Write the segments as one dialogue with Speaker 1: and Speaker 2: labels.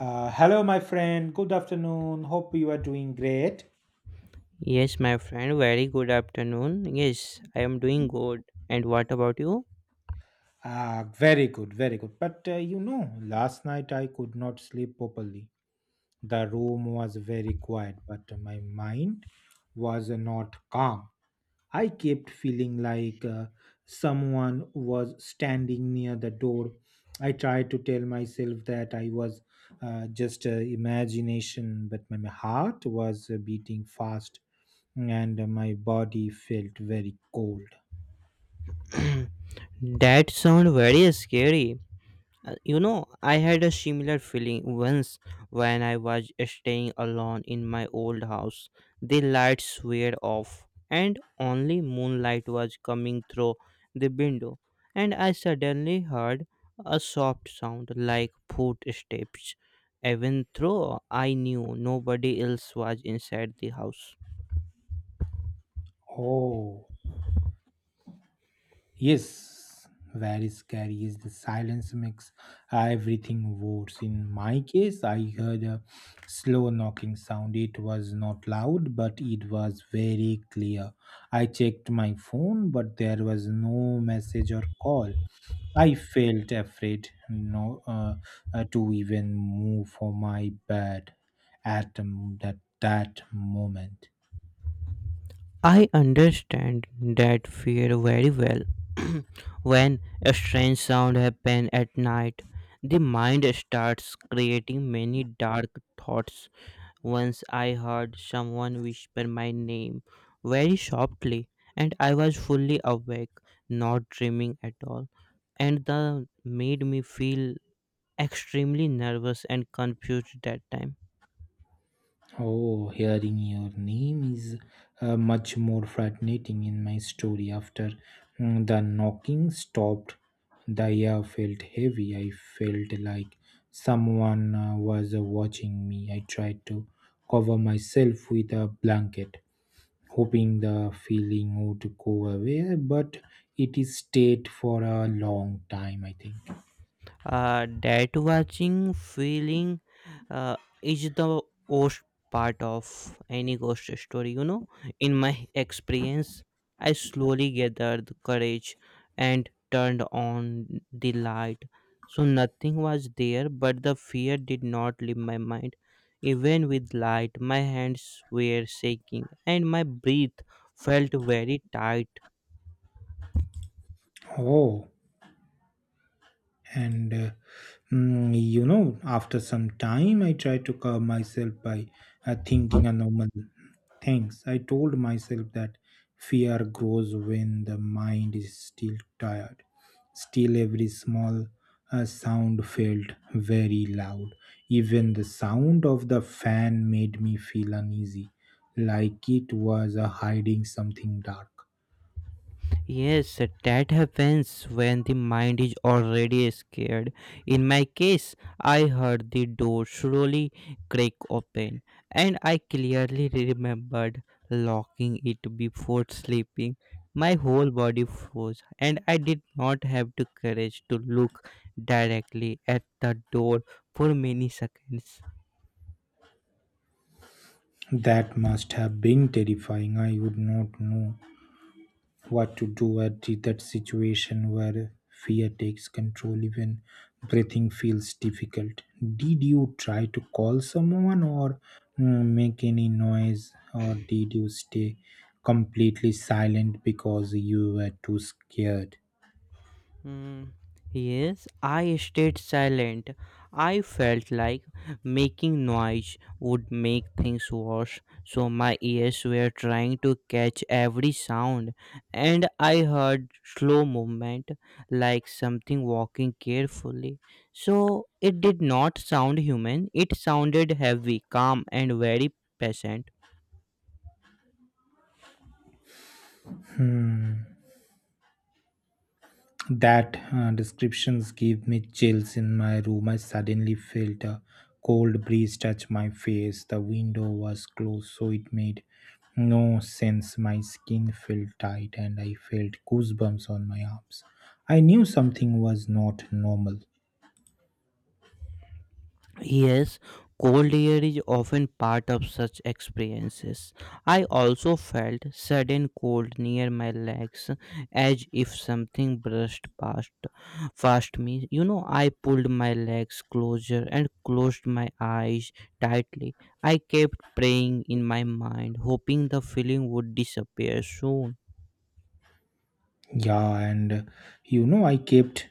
Speaker 1: Hello, my friend. Good afternoon. Hope you are doing great.
Speaker 2: Yes, my friend, very good afternoon. Yes, I am doing good. And what about you?
Speaker 1: Ah, very good, very good. But you know, last night I could not sleep properly. The room was very quiet, but my mind was not calm. I kept feeling like someone was standing near the door. I tried to tell myself that I was just imagination, but my heart was beating fast and my body felt very cold.
Speaker 2: That sound very scary. You know, I had a similar feeling once when I was staying alone in my old house. The lights were off, and only moonlight was coming through the window. And I suddenly heard a soft sound like footsteps. Even though I knew nobody else was inside the house.
Speaker 1: Oh. Yes, very scary is the silence makes everything worse. In my case, I heard a slow knocking sound. It was not loud, but it was very clear. I checked my phone, but there was no message or call. I felt afraid no, to even move for my bed at that moment.
Speaker 2: I understand that fear very well. When a strange sound happens at night, the mind starts creating many dark thoughts. Once I heard someone whisper my name very softly, and I was fully awake, not dreaming at all, and that made me feel extremely nervous and confused that time.
Speaker 1: Oh, hearing your name is much more fascinating in my story. After the knocking stopped, the air felt heavy. I felt like someone was watching me. I tried to cover myself with a blanket, hoping the feeling would go away, but it stayed for a long time, I think.
Speaker 2: That watching feeling uh, is the worst part of any ghost story. You know, in my experience, I slowly gathered courage and turned on the light. So nothing was there, but the fear did not leave my mind. Even with light, my hands were shaking and my breath felt very tight.
Speaker 1: Oh. And you know, after some time I tried to calm myself by thinking a normal things. I told myself that fear grows when the mind is still tired. Still, every small sound felt very loud. Even the sound of the fan made me feel uneasy, like it was hiding something dark.
Speaker 2: Yes, that happens when the mind is already scared. In my case, I heard the door slowly crack open, and I clearly remembered locking it before sleeping. My whole body froze, and I did not have the courage to look directly at the door for many seconds.
Speaker 1: That must have been terrifying. I would not know what to do at that situation where fear takes control. Even breathing feels difficult. Did you try to call someone or make any noise, or did you stay completely silent because you were too scared?
Speaker 2: Mm, yes, I stayed silent. I felt like making noise would make things worse, so my ears were trying to catch every sound, and I heard slow movement like something walking carefully. So it did not sound human, it sounded heavy, calm, and very patient.
Speaker 1: That descriptions gave me chills in my room. I suddenly felt a cold breeze touch my face. The window was closed, so it made no sense. My skin felt tight and I felt goosebumps on my arms. I knew something was not normal.
Speaker 2: Yes, cold air is often part of such experiences. I also felt sudden cold near my legs as if something brushed past me. You know, I pulled my legs closer and closed my eyes tightly. I kept praying in my mind, hoping the feeling would disappear soon.
Speaker 1: Yeah, and you know, I kept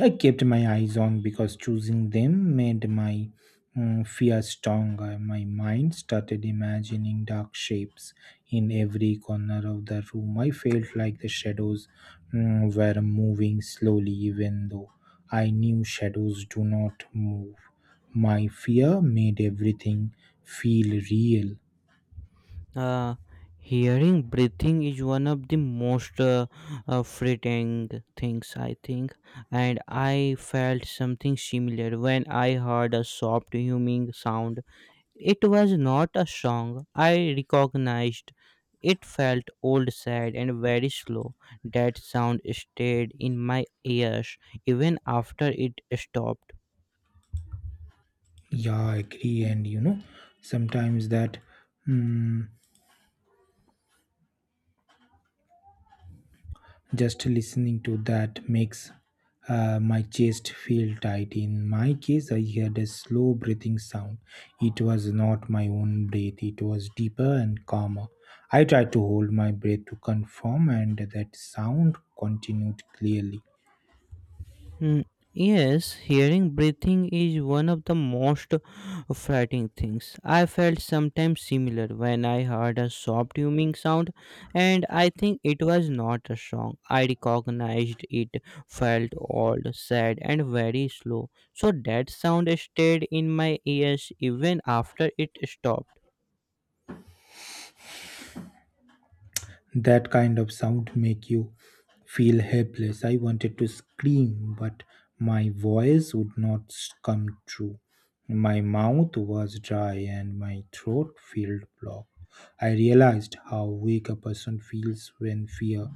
Speaker 1: I kept my eyes on because choosing them made my fear stronger. My mind started imagining dark shapes in every corner of the room. I felt like the shadows were moving slowly, even though I knew shadows do not move. My fear made everything feel real.
Speaker 2: Uh, Hearing breathing is one of the most frightening things, I think, and I felt something similar when I heard a soft humming sound. It was not a song, I recognized. It felt old, sad, and very slow. That sound stayed in my ears even after it stopped.
Speaker 1: Yeah, I agree. And you know, sometimes that. Mm just listening to that makes my chest feel tight. In my case, I heard a slow breathing sound. It was not my own breath, it was deeper and calmer. I tried to hold my breath to confirm, and that sound continued clearly.
Speaker 2: Mm, Yes, hearing breathing is one of the most frightening things. I felt sometimes similar when I heard a soft humming sound, and I think it was not a song. I recognized it felt old, sad, and very slow. So that sound stayed in my ears even after it stopped.
Speaker 1: That kind of sound make you feel helpless. I wanted to scream, but my voice would not come true. My mouth was dry and my throat felt blocked. I realized how weak a person feels when fear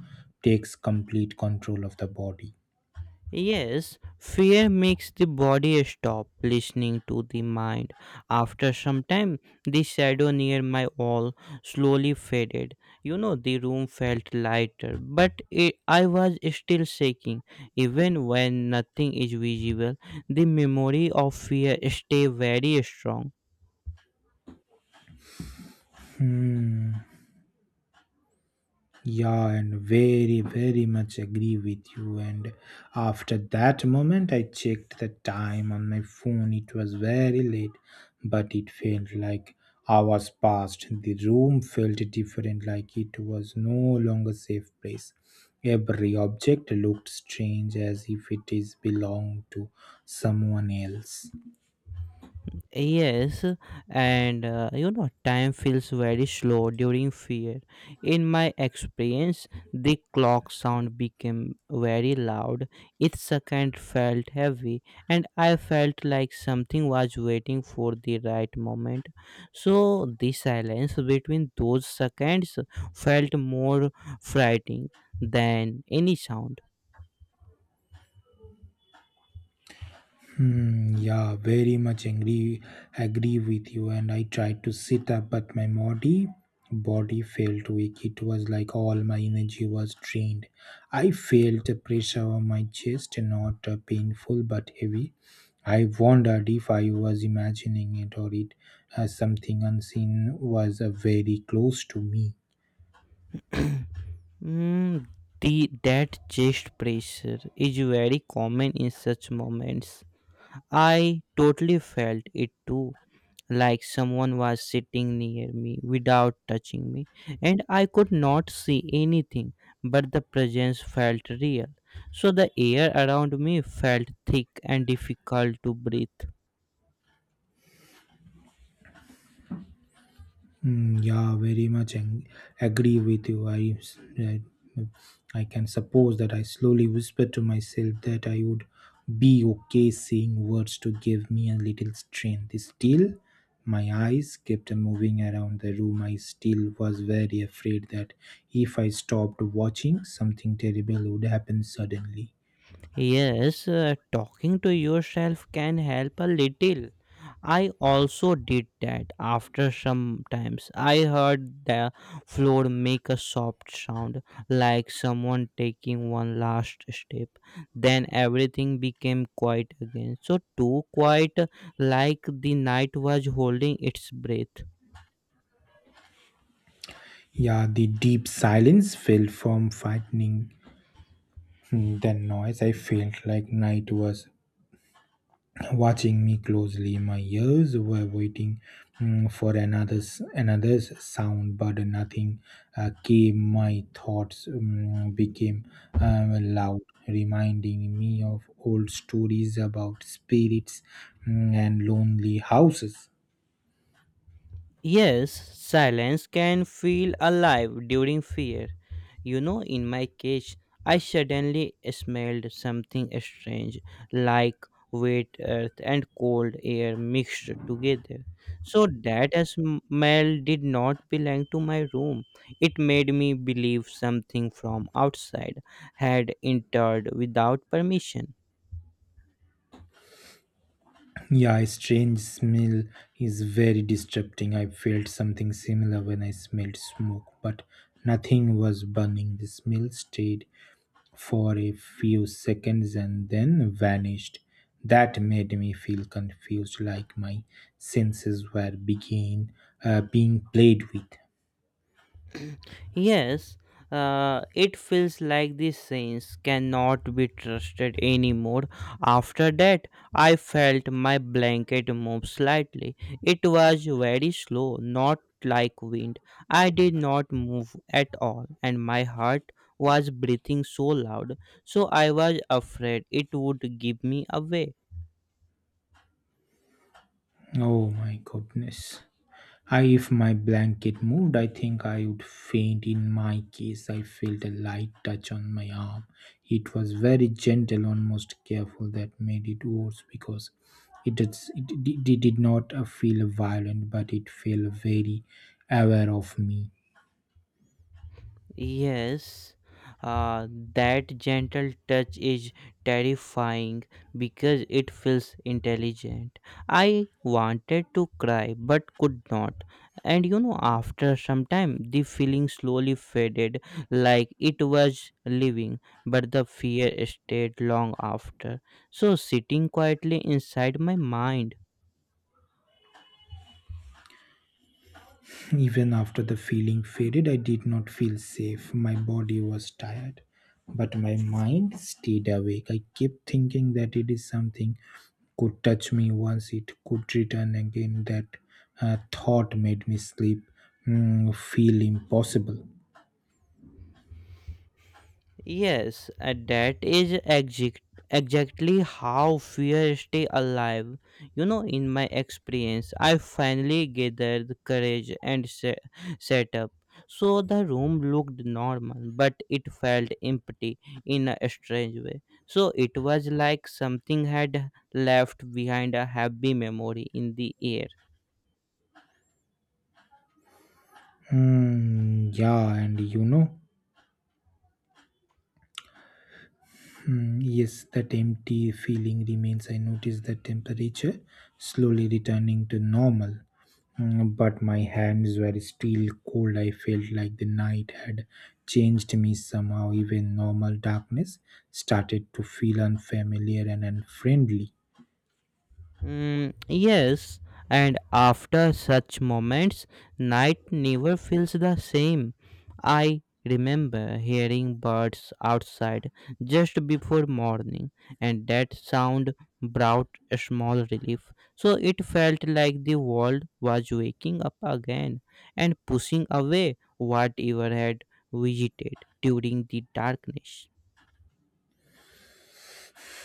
Speaker 1: takes complete control of the body.
Speaker 2: Yes, fear makes the body stop listening to the mind. After some time, the shadow near my wall slowly faded. You know, the room felt lighter, but it, I was still shaking. Even when nothing is visible, the memory of fear stay very strong.
Speaker 1: Yeah, and very, very much agree with you. And after that moment, I checked the time on my phone. It was very late, but it felt like hours passed. The room felt different, like it was no longer safe place. Every object looked strange as if it is belonged to someone else.
Speaker 2: Yes, and you know, time feels very slow during fear. In my experience, the clock sound became very loud. Each second felt heavy, and I felt like something was waiting for the right moment. So, the silence between those seconds felt more frightening than any sound.
Speaker 1: Hmm, yeah, very much agree with you. And I tried to sit up, but my body felt weak. It was like all my energy was drained. I felt a pressure on my chest, not painful but heavy. I wondered if I was imagining it, or it as something unseen was very close to me.
Speaker 2: Mm, the that chest pressure is very common in such moments. I totally felt it too, like someone was sitting near me without touching me, and I could not see anything, but the presence felt real. So the air around me felt thick and difficult to breathe.
Speaker 1: Mm, yeah, very much agree with you. I can suppose that I slowly whispered to myself that I would be okay, saying words to give me a little strength. Still, my eyes kept moving around the room. I still was very afraid that if I stopped watching, something terrible would happen suddenly.
Speaker 2: Yes, talking to yourself can help a little. I also did that after some times. I heard the floor make a soft sound, like someone taking one last step. Then everything became quiet again. So, too quiet, like the night was holding its breath.
Speaker 1: Yeah, the deep silence fell from frightening than noise. I felt like night was watching me closely. My ears were waiting for another's sound, but nothing came. My thoughts became loud, reminding me of old stories about spirits and lonely houses.
Speaker 2: Yes, silence can feel alive during fear. You know, in my case, I suddenly smelled something strange, like wet earth and cold air mixed together. So that smell did not belong to my room. It made me believe something from outside had entered without permission.
Speaker 1: Yeah, a strange smell is very distracting. I felt something similar when I smelled smoke, but nothing was burning. The smell stayed for a few seconds and then vanished. That made me feel confused, like my senses were being played with.
Speaker 2: Yes, it feels like these saints cannot be trusted anymore. After that, I felt my blanket move slightly. It was very slow, not like wind. I did not move at all, and my heart was breathing so loud, so I was afraid it would give me away.
Speaker 1: Oh my goodness. I, if my blanket moved, I think I would faint. In my case, I felt a light touch on my arm. It was very gentle, almost careful, that made it worse because it did not feel violent, but it felt very aware of me.
Speaker 2: Yes, uh, that gentle touch is terrifying because it feels intelligent. I wanted to cry but could not. And you know, after some time, the feeling slowly faded like it was leaving, but the fear stayed long after. So, sitting quietly inside my mind.
Speaker 1: Even after the feeling faded, I did not feel safe. My body was tired, but my mind stayed awake. I kept thinking that it is something could touch me once, it could return again. That thought made me sleep feel impossible.
Speaker 2: Yes, and that is exactly how fear stay alive. You know, in my experience, I finally gathered courage and set up. So the room looked normal, but it felt empty in a strange way. So it was like something had left behind a happy memory in the air.
Speaker 1: Mm, yeah, and you know, mm, yes, that empty feeling remains. I notice the temperature slowly returning to normal, mm, but my hands were still cold. I felt like the night had changed me somehow. Even normal darkness started to feel unfamiliar and unfriendly.
Speaker 2: Yes, and after such moments, night never feels the same. I remember hearing birds outside just before morning, and that sound brought a small relief. So it felt like the world was waking up again and pushing away whatever had visited during the darkness.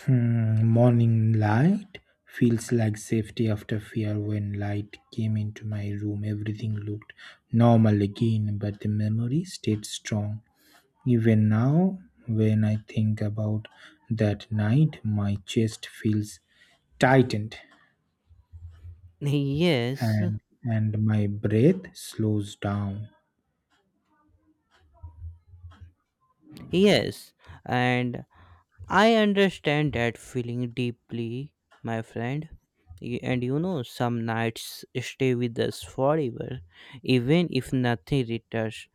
Speaker 1: Hmm, morning light feels like safety after fear. When light came into my room, everything looked normal again, but the memory stayed strong. Even now, when I think about that night, my chest feels tightened
Speaker 2: Yes,
Speaker 1: and my breath slows down.
Speaker 2: yes, and I understand that feeling deeply, my friend. And you know, some nights stay with us forever, even if nothing returns.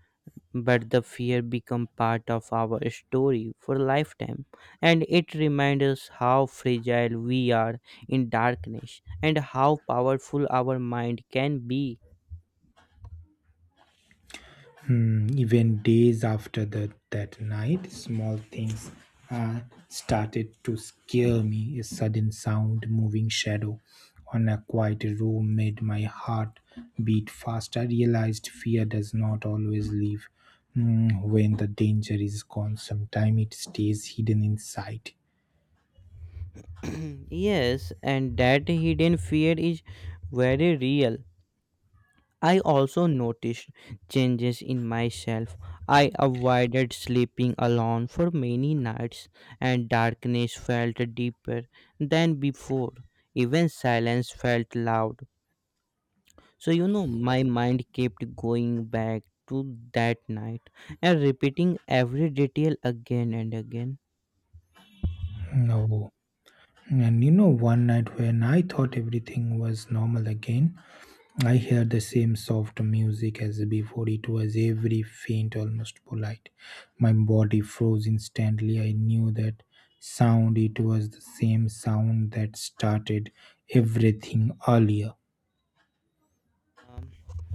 Speaker 2: But the fear become part of our story for lifetime, and it reminds us how fragile we are in darkness and how powerful our mind can be.
Speaker 1: Hmm, even days after that night, small things uh, started to scare me. A sudden sound, moving shadow on a quiet room made my heart beat fast. I realized fear does not always leave, hmm, when the danger is gone. Sometimes it stays hidden inside.
Speaker 2: Yes, and that hidden fear is very real. I also noticed changes in myself. I avoided sleeping alone for many nights, and darkness felt deeper than before. Even silence felt loud. So, you know, my mind kept going back to that night and repeating every detail again and again.
Speaker 1: No. And you know, one night when I thought everything was normal again, I hear the same soft music as before. It was every faint, almost polite. My body froze instantly. I knew that sound. It was the same sound that started everything earlier.
Speaker 2: Um,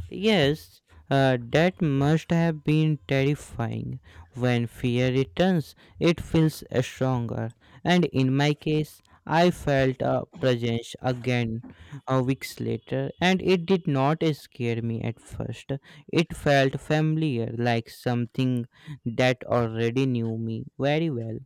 Speaker 2: yes, that must have been terrifying. When fear returns, it feels stronger. And in my case, I felt a presence again a weeks later, and it did not scare me at first. It felt familiar, like something that already knew me very well.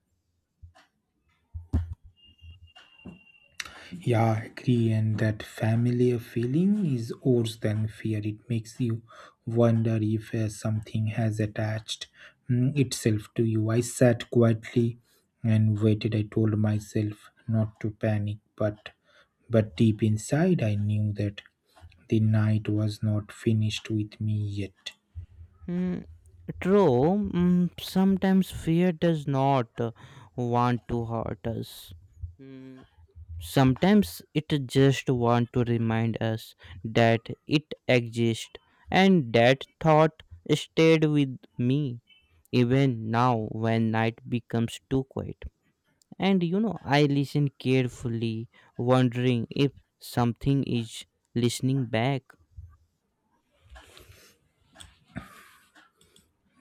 Speaker 1: Yeah, I agree. And that familiar feeling is worse than fear. It makes you wonder if something has attached itself to you. I sat quietly and waited. I told myself not to panic, but deep inside, I knew that the night was not finished with me yet.
Speaker 2: Mm, True, sometimes fear does not want to hurt us. Mm, Sometimes it just want to remind us that it exists, and that thought stayed with me even now when night becomes too quiet. And you know, I listen carefully, wondering if something is listening back.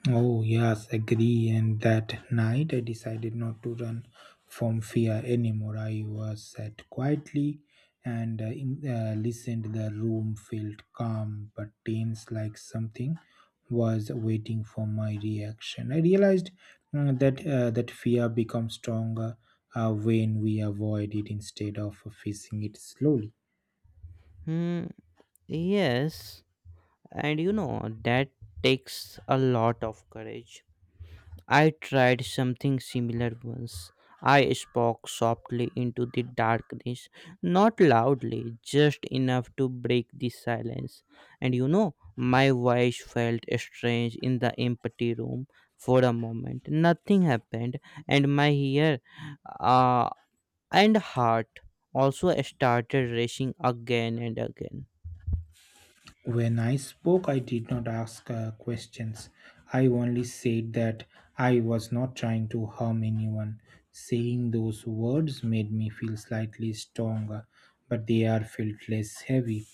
Speaker 1: Oh, yes, agree. And that night I decided not to run from fear anymore. I was sat quietly and listened. The room felt calm but tense, like something was waiting for my reaction. I realized that fear becomes stronger when we avoid it instead of facing it slowly.
Speaker 2: Hmm, yes, and you know, that takes a lot of courage. I tried something similar once. I spoke softly into the darkness, not loudly, just enough to break the silence. And you know, my voice felt strange in the empty room for a moment. Nothing happened, and my ear uh, and heart also started racing again and again.
Speaker 1: When I spoke, I did not ask questions. I only said that I was not trying to harm anyone. Saying those words made me feel slightly stronger, but they are felt less heavy.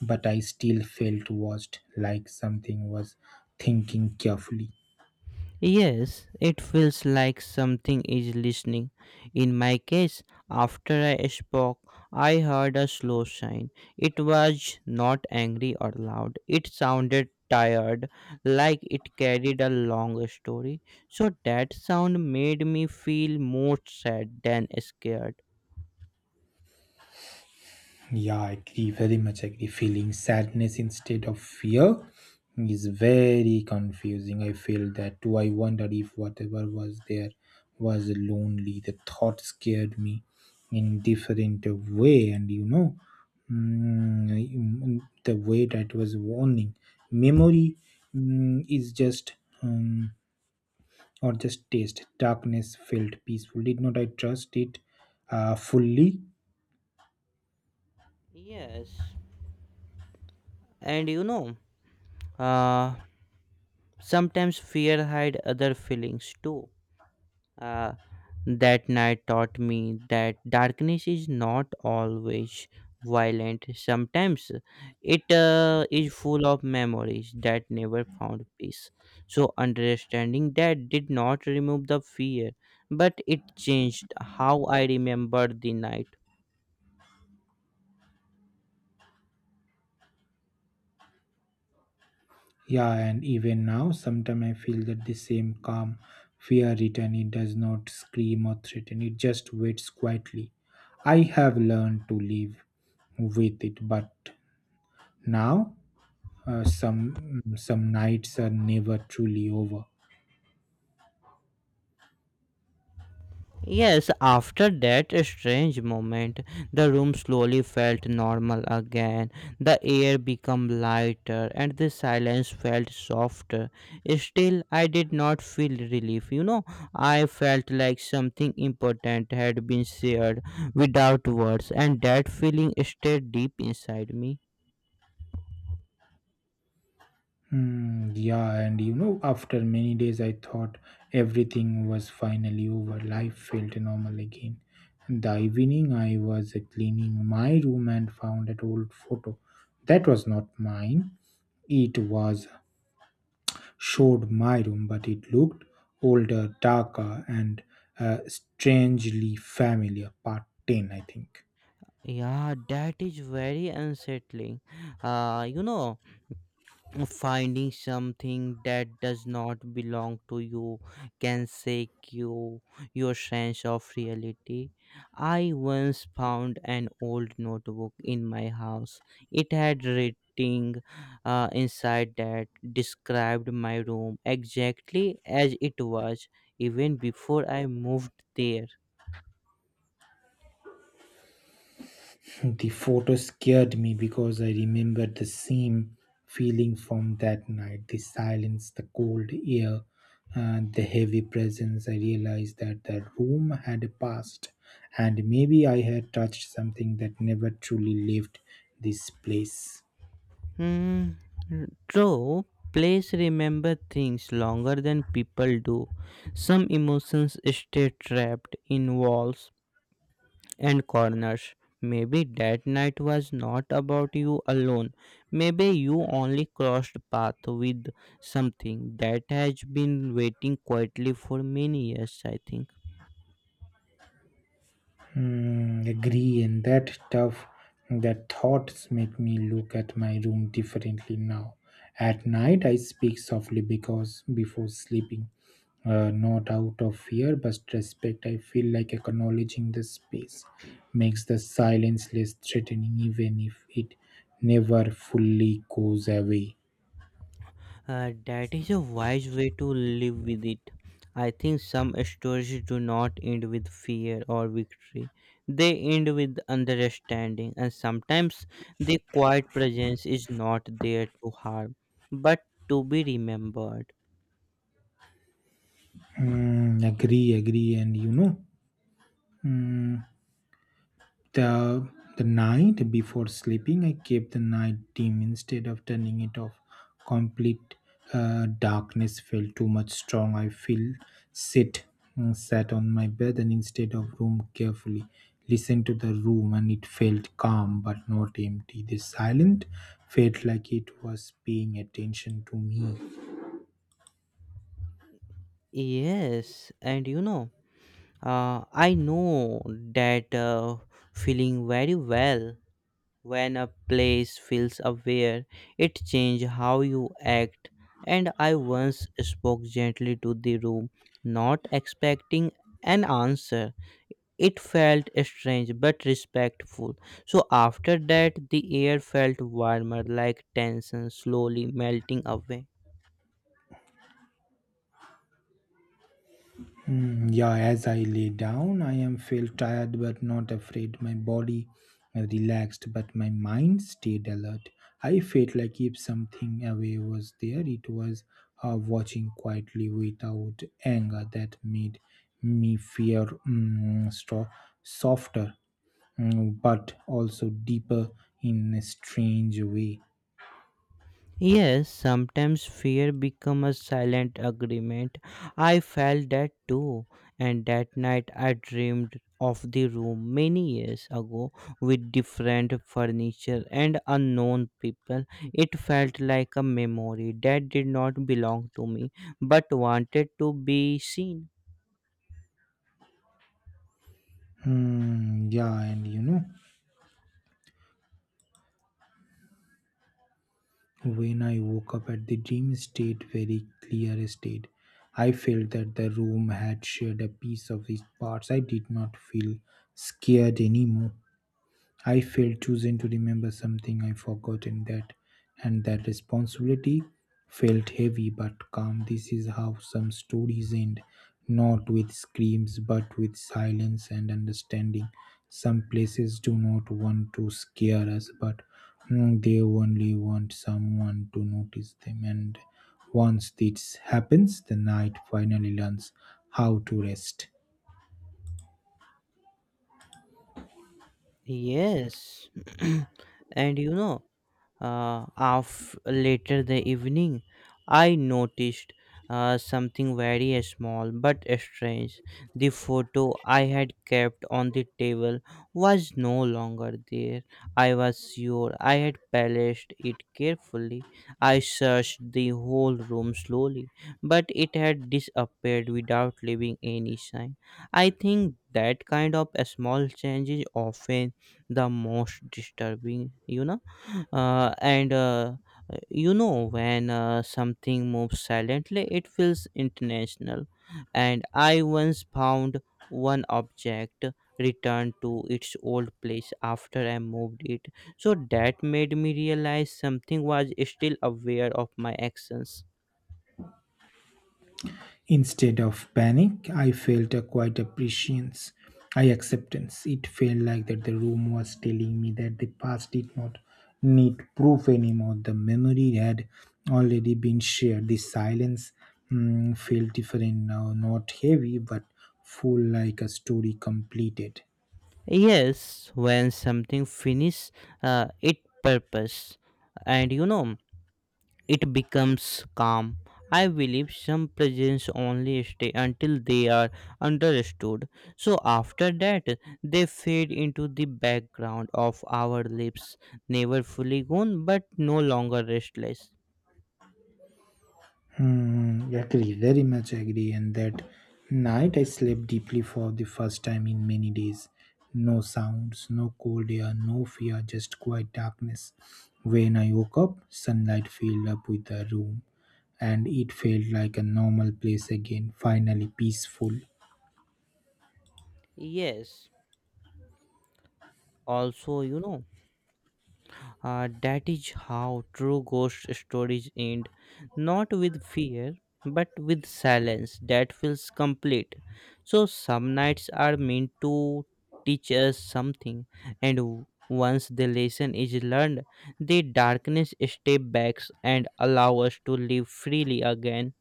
Speaker 1: But I still felt watched, like something was thinking carefully.
Speaker 2: Yes, it feels like something is listening. In my case, after I spoke, I heard a slow sigh. It was not angry or loud. It sounded tired, like it carried a long story. So that sound made me feel more sad than scared.
Speaker 1: Yeah, I agree, very much agree. Feeling sadness instead of fear is very confusing. I feel that too. I wonder if whatever was there was lonely. The thought scared me in different way, and you know, the way that was warning. Memory is just um, or just taste. Darkness felt peaceful. Did not I trust it fully?
Speaker 2: Yes, and you know, uh, sometimes fear hide other feelings too. Uh, that night taught me that darkness is not always violent. Sometimes it is full of memories that never found peace. So, understanding that did not remove the fear, but it changed how I remembered the night.
Speaker 1: Yeah, and even now, sometimes I feel that the same calm fear return. It does not scream or threaten, it just waits quietly. I have learned to live with it, but now some nights are never truly over.
Speaker 2: Yes, after that strange moment, the room slowly felt normal again. The air became lighter and the silence felt softer. Still, I did not feel relief. You know, I felt like something important had been shared without words, and that feeling stayed deep inside me.
Speaker 1: Mm, yeah, and you know, after many days, I thought everything was finally over. Life felt normal again. The evening, I was cleaning my room and found an old photo. That was not mine. It was showed my room, but it looked older, darker, and strangely familiar. Part 10, I think.
Speaker 2: Yeah, that is very unsettling. You know, finding something that does not belong to you can shake you your sense of reality. I once found an old notebook in my house. It had writing inside that described my room exactly as it was even before I moved there.
Speaker 1: The photo scared me because I remembered the same feeling from that night, the silence, the cold air, and the heavy presence. I realized that the room had a past, and maybe I had touched something that never truly left this place.
Speaker 2: Hmm. True, plays remember things longer than people do. Some emotions stay trapped in walls and corners. Maybe that night was not about you alone. Maybe you only crossed path with something that has been waiting quietly for many years, I think.
Speaker 1: Hmm, agree, and that stuff, that thoughts make me look at my room differently now. At night, I speak softly because before sleeping, not out of fear but respect. I feel like acknowledging the space makes the silence less threatening, even if it never fully goes away.
Speaker 2: That is a wise way to live with it. I think some stories do not end with fear or victory. They end with understanding, and sometimes the quiet presence is not there to harm, but to be remembered.
Speaker 1: Mm, agree, agree, and you know, mm, The, the night before sleeping, I kept the night dim instead of turning it off. Complete darkness felt too much strong. I feel sit sat on my bed and instead of room carefully listened to the room, and it felt calm but not empty. The silent felt like it was paying attention to me.
Speaker 2: Yes, and you know, I know that feeling very well. When a place feels aware, it changes how you act. And I once spoke gently to the room, not expecting an answer. It felt strange but respectful. So after that, the air felt warmer, like tension slowly melting away.
Speaker 1: Hmm, yeah, as I lay down, I am felt tired but not afraid. My body relaxed, but my mind stayed alert. I felt like if something away was there, it was watching quietly without anger that made me fear softer, but also deeper in a strange way.
Speaker 2: Yes, sometimes fear become a silent agreement. I felt that too, and that night I dreamed of the room many years ago with different furniture and unknown people. It felt like a memory that did not belong to me but wanted to be seen.
Speaker 1: Hmm, yeah, and you know. When I woke up at the dream state very clear state, I felt that the room had shared a piece of its parts. I did not feel scared anymore. I felt chosen to remember something I forgotten that, and that responsibility felt heavy but calm. This is how some stories end, not with screams but with silence and understanding. Some places do not want to scare us, but they only want someone to notice them. And once this happens, the night finally learns how to rest.
Speaker 2: Yes, and you know, of later the evening, I noticed something very small but strange. The photo I had kept on the table was no longer there. I was sure I had placed it carefully. I searched the whole room slowly, but it had disappeared without leaving any sign. I think that kind of small change is often the most disturbing, you know and you know when something moves silently it feels international. And I once found one object returned to its old place after I moved it, so that made me realize something was still aware of my actions.
Speaker 1: Instead of panic, I felt a quiet appreciation, I acceptance. It felt like that the room was telling me that the past did not need proof anymore. The memory had already been shared. The silence felt different now, not heavy but full, like a story completed.
Speaker 2: Yes, when something finishes its purpose, and it becomes calm. I believe some presents only stay until they are understood. So after that, they fade into the background of our lives, never fully gone but no longer restless.
Speaker 1: Hmm, agree, very much agree. And that night I slept deeply for the first time in many days. No sounds, no cold air, no fear, just quiet darkness. When I woke up, sunlight filled up with the room, and it felt like a normal place again, finally peaceful.
Speaker 2: Yes, also. You know. That is how true ghost stories end, not with fear, but with silence that feels complete. So, some nights are meant to teach us something, and once the lesson is learned, the darkness steps back and allows us to live freely again.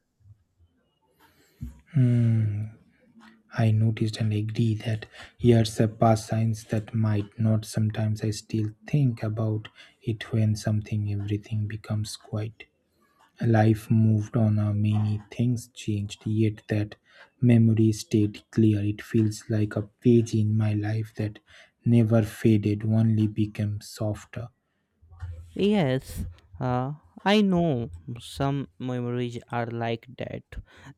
Speaker 1: I noticed and agree that years have passed signs that might not. Sometimes I still think about it when something, everything becomes quiet. Life moved on, many things changed, yet that memory stayed clear. It feels like a page in my life that never faded, only became softer.
Speaker 2: Yes, uh, I know some memories are like that,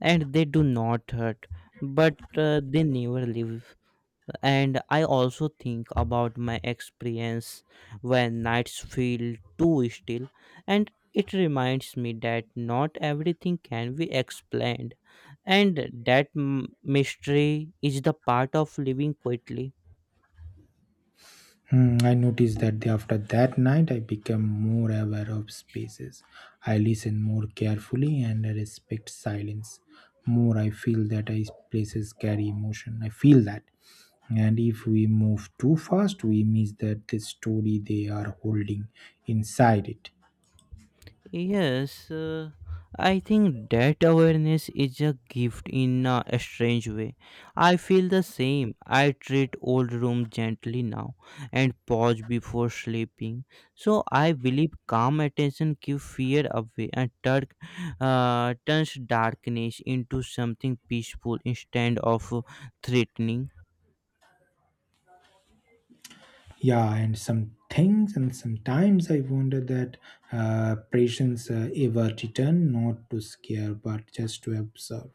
Speaker 2: and they do not hurt, but they never leave. And I also think about my experience when nights feel too still, and it reminds me that not everything can be explained, and that mystery is the part of living quietly.
Speaker 1: Hmm, I noticed that after that night, I became more aware of spaces. I listen more carefully and I respect silence. More I feel that I places carry emotion. I feel that. And if we move too fast, we miss that the story they are holding inside it.
Speaker 2: Yes, I think that awareness is a gift in a strange way. I feel the same. I treat old room gently now and pause before sleeping. So I believe calm attention keeps fear away, and turns darkness into something peaceful instead of threatening.
Speaker 1: Yeah, and some things, and sometimes I wonder that patients ever return not to scare but just to observe.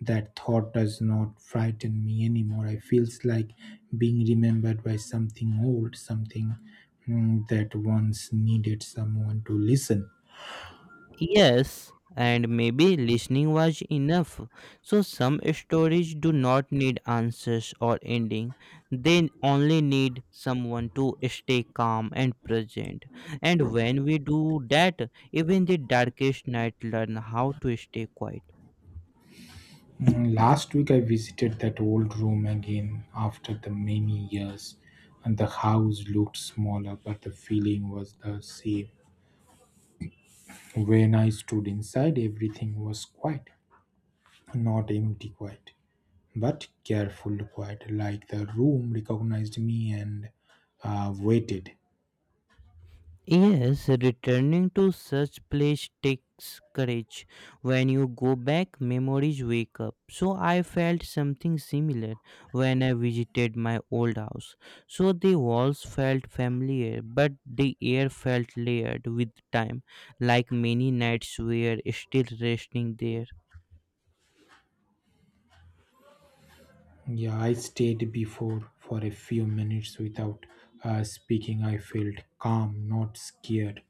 Speaker 1: That thought does not frighten me anymore. I feels like being remembered by something old, something that once needed someone to listen.
Speaker 2: Yes, and maybe listening was enough. So some stories do not need answers or ending. They only need someone to stay calm and present. And when we do that, even the darkest night learn how to stay quiet.
Speaker 1: Mm, last week I visited that old room again after the many years, and the house looked smaller, but the feeling was the same. When I stood inside, everything was quiet. Not empty quiet, but careful quiet, like the room recognized me and waited.
Speaker 2: Yes, returning to such place takes courage. When you go back, memories wake up. So I felt something similar when I visited my old house. So the walls felt familiar, but the air felt layered with time, like many nights were still resting there.
Speaker 1: Yeah, I stayed before for a few minutes without speaking. I felt calm, not scared.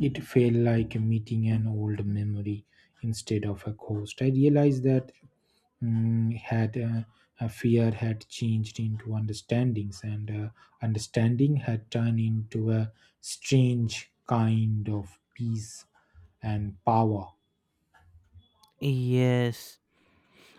Speaker 1: It felt like meeting an old memory instead of a ghost. I realized that mm, had fear had changed into understandings and understanding had turned into a strange kind of peace and power.
Speaker 2: Yes,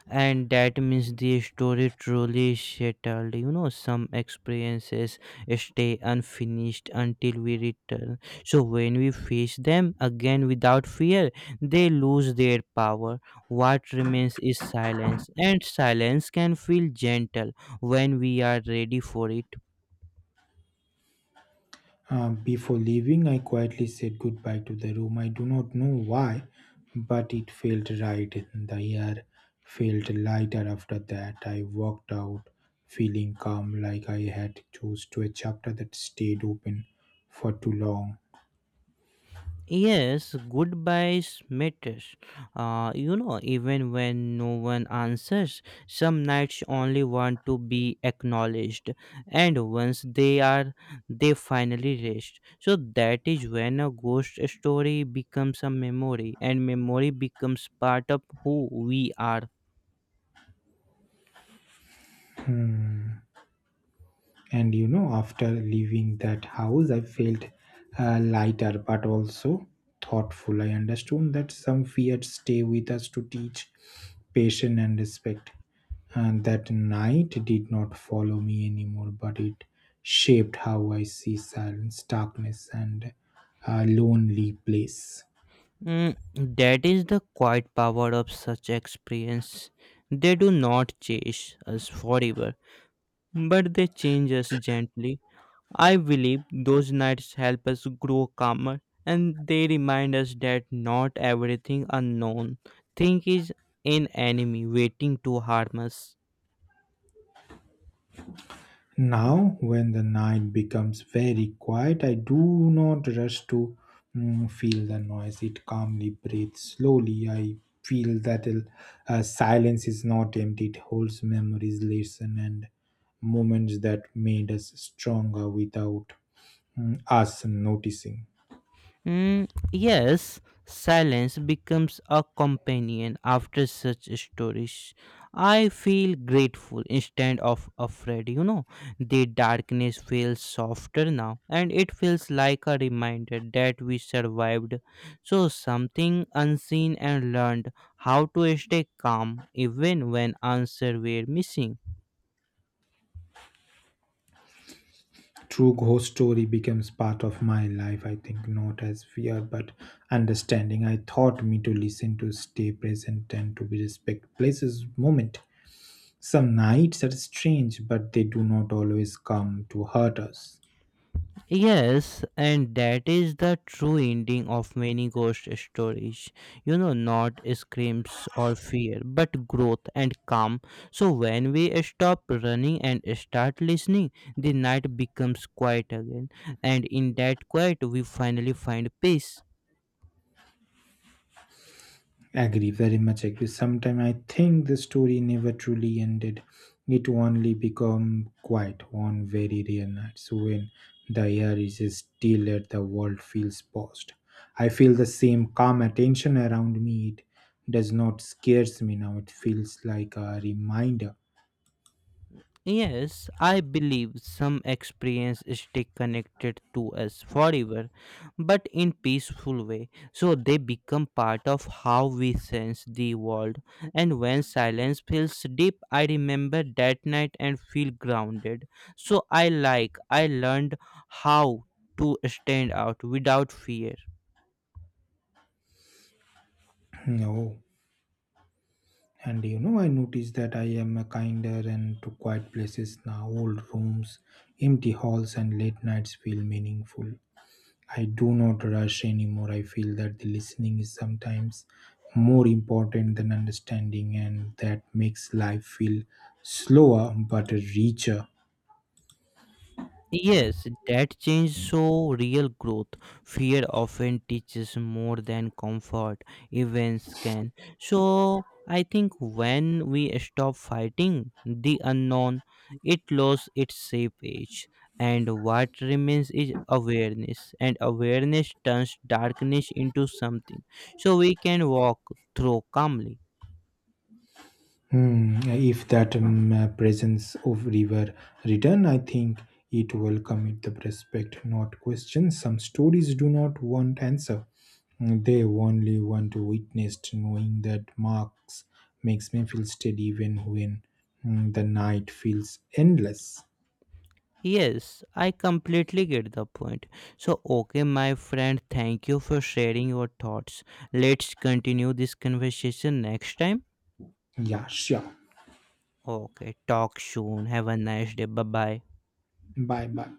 Speaker 2: and that means the story truly settled. You know, some experiences stay unfinished until we return, so when we face them again without fear, they lose their power. What remains is silence, and silence can feel gentle when we are ready for it.
Speaker 1: Before leaving, I quietly said goodbye to the room. I do not know why but it felt right. The air felt lighter. After that I walked out feeling calm, like I had chose to a chapter that stayed open for too long.
Speaker 2: Yes, goodbyes matters. Even when no one answers, some knights only want to be acknowledged, and once they are, they finally rest. So that is when a ghost story becomes a memory, and memory becomes part of who we are.
Speaker 1: And you know, after leaving that house I felt lighter but also thoughtful. I understood that some fears stay with us to teach patience and respect, and that night did not follow me anymore, but it shaped how I see silence, darkness, and a lonely place.
Speaker 2: Mm, that is the quiet power of such experience. They do not chase us forever, but they change us gently. I believe those nights help us grow calmer, and they remind us that not everything unknown thing is an enemy waiting to harm us.
Speaker 1: Now, when the night becomes very quiet, I do not rush to feel the noise. It calmly breathes slowly. I feel that silence is not empty, it holds memories, lessons, and moments that made us stronger without us noticing.
Speaker 2: Mm, yes, silence becomes a companion after such stories. I feel grateful instead of afraid. The darkness feels softer now, and it feels like a reminder that we survived. So, something unseen and learned how to stay calm even when answers were missing.
Speaker 1: True ghost story becomes part of my life, I think, not as fear but understanding. I taught me to listen, to stay present, and to be respect places moment. Some nights are strange, but they do not always come to hurt us.
Speaker 2: Yes, and that is the true ending of many ghost stories. Not screams or fear, but growth and calm. So when we stop running and start listening, the night becomes quiet again, and in that quiet, we finally find peace.
Speaker 1: Agree, very much agree. Sometimes I think the story never truly ended. It only become quiet on very rare nights when the air is still and the world feels paused. I feel the same calm attention around me. It does not scares me now. It feels like a reminder.
Speaker 2: Yes, I believe some experiences stay connected to us forever, but in peaceful way. So they become part of how we sense the world. And when silence feels deep, I remember that night and feel grounded. So I learned how to stand out without fear.
Speaker 1: No. And you know, I noticed that I am a kinder and to quiet places now. Old rooms, empty halls, and late nights feel meaningful. I do not rush anymore. I feel that the listening is sometimes more important than understanding, and that makes life feel slower but richer.
Speaker 2: Yes, that change show real growth. Fear often teaches more than comfort events can. So I think when we stop fighting the unknown, it loses its shape age. And what remains is awareness. And awareness turns darkness into something. So we can walk through calmly.
Speaker 1: Hmm, if that presence of river return, I think it will come with the respect, not question. Some stories do not want answer. They only want to witness. Knowing that marks makes me feel steady, even when the night feels endless.
Speaker 2: Yes, I completely get the point. So, okay, my friend, thank you for sharing your thoughts. Let's continue this conversation next time.
Speaker 1: Yeah, sure.
Speaker 2: Okay, talk soon. Have a nice day. Bye bye.
Speaker 1: Bye, bye.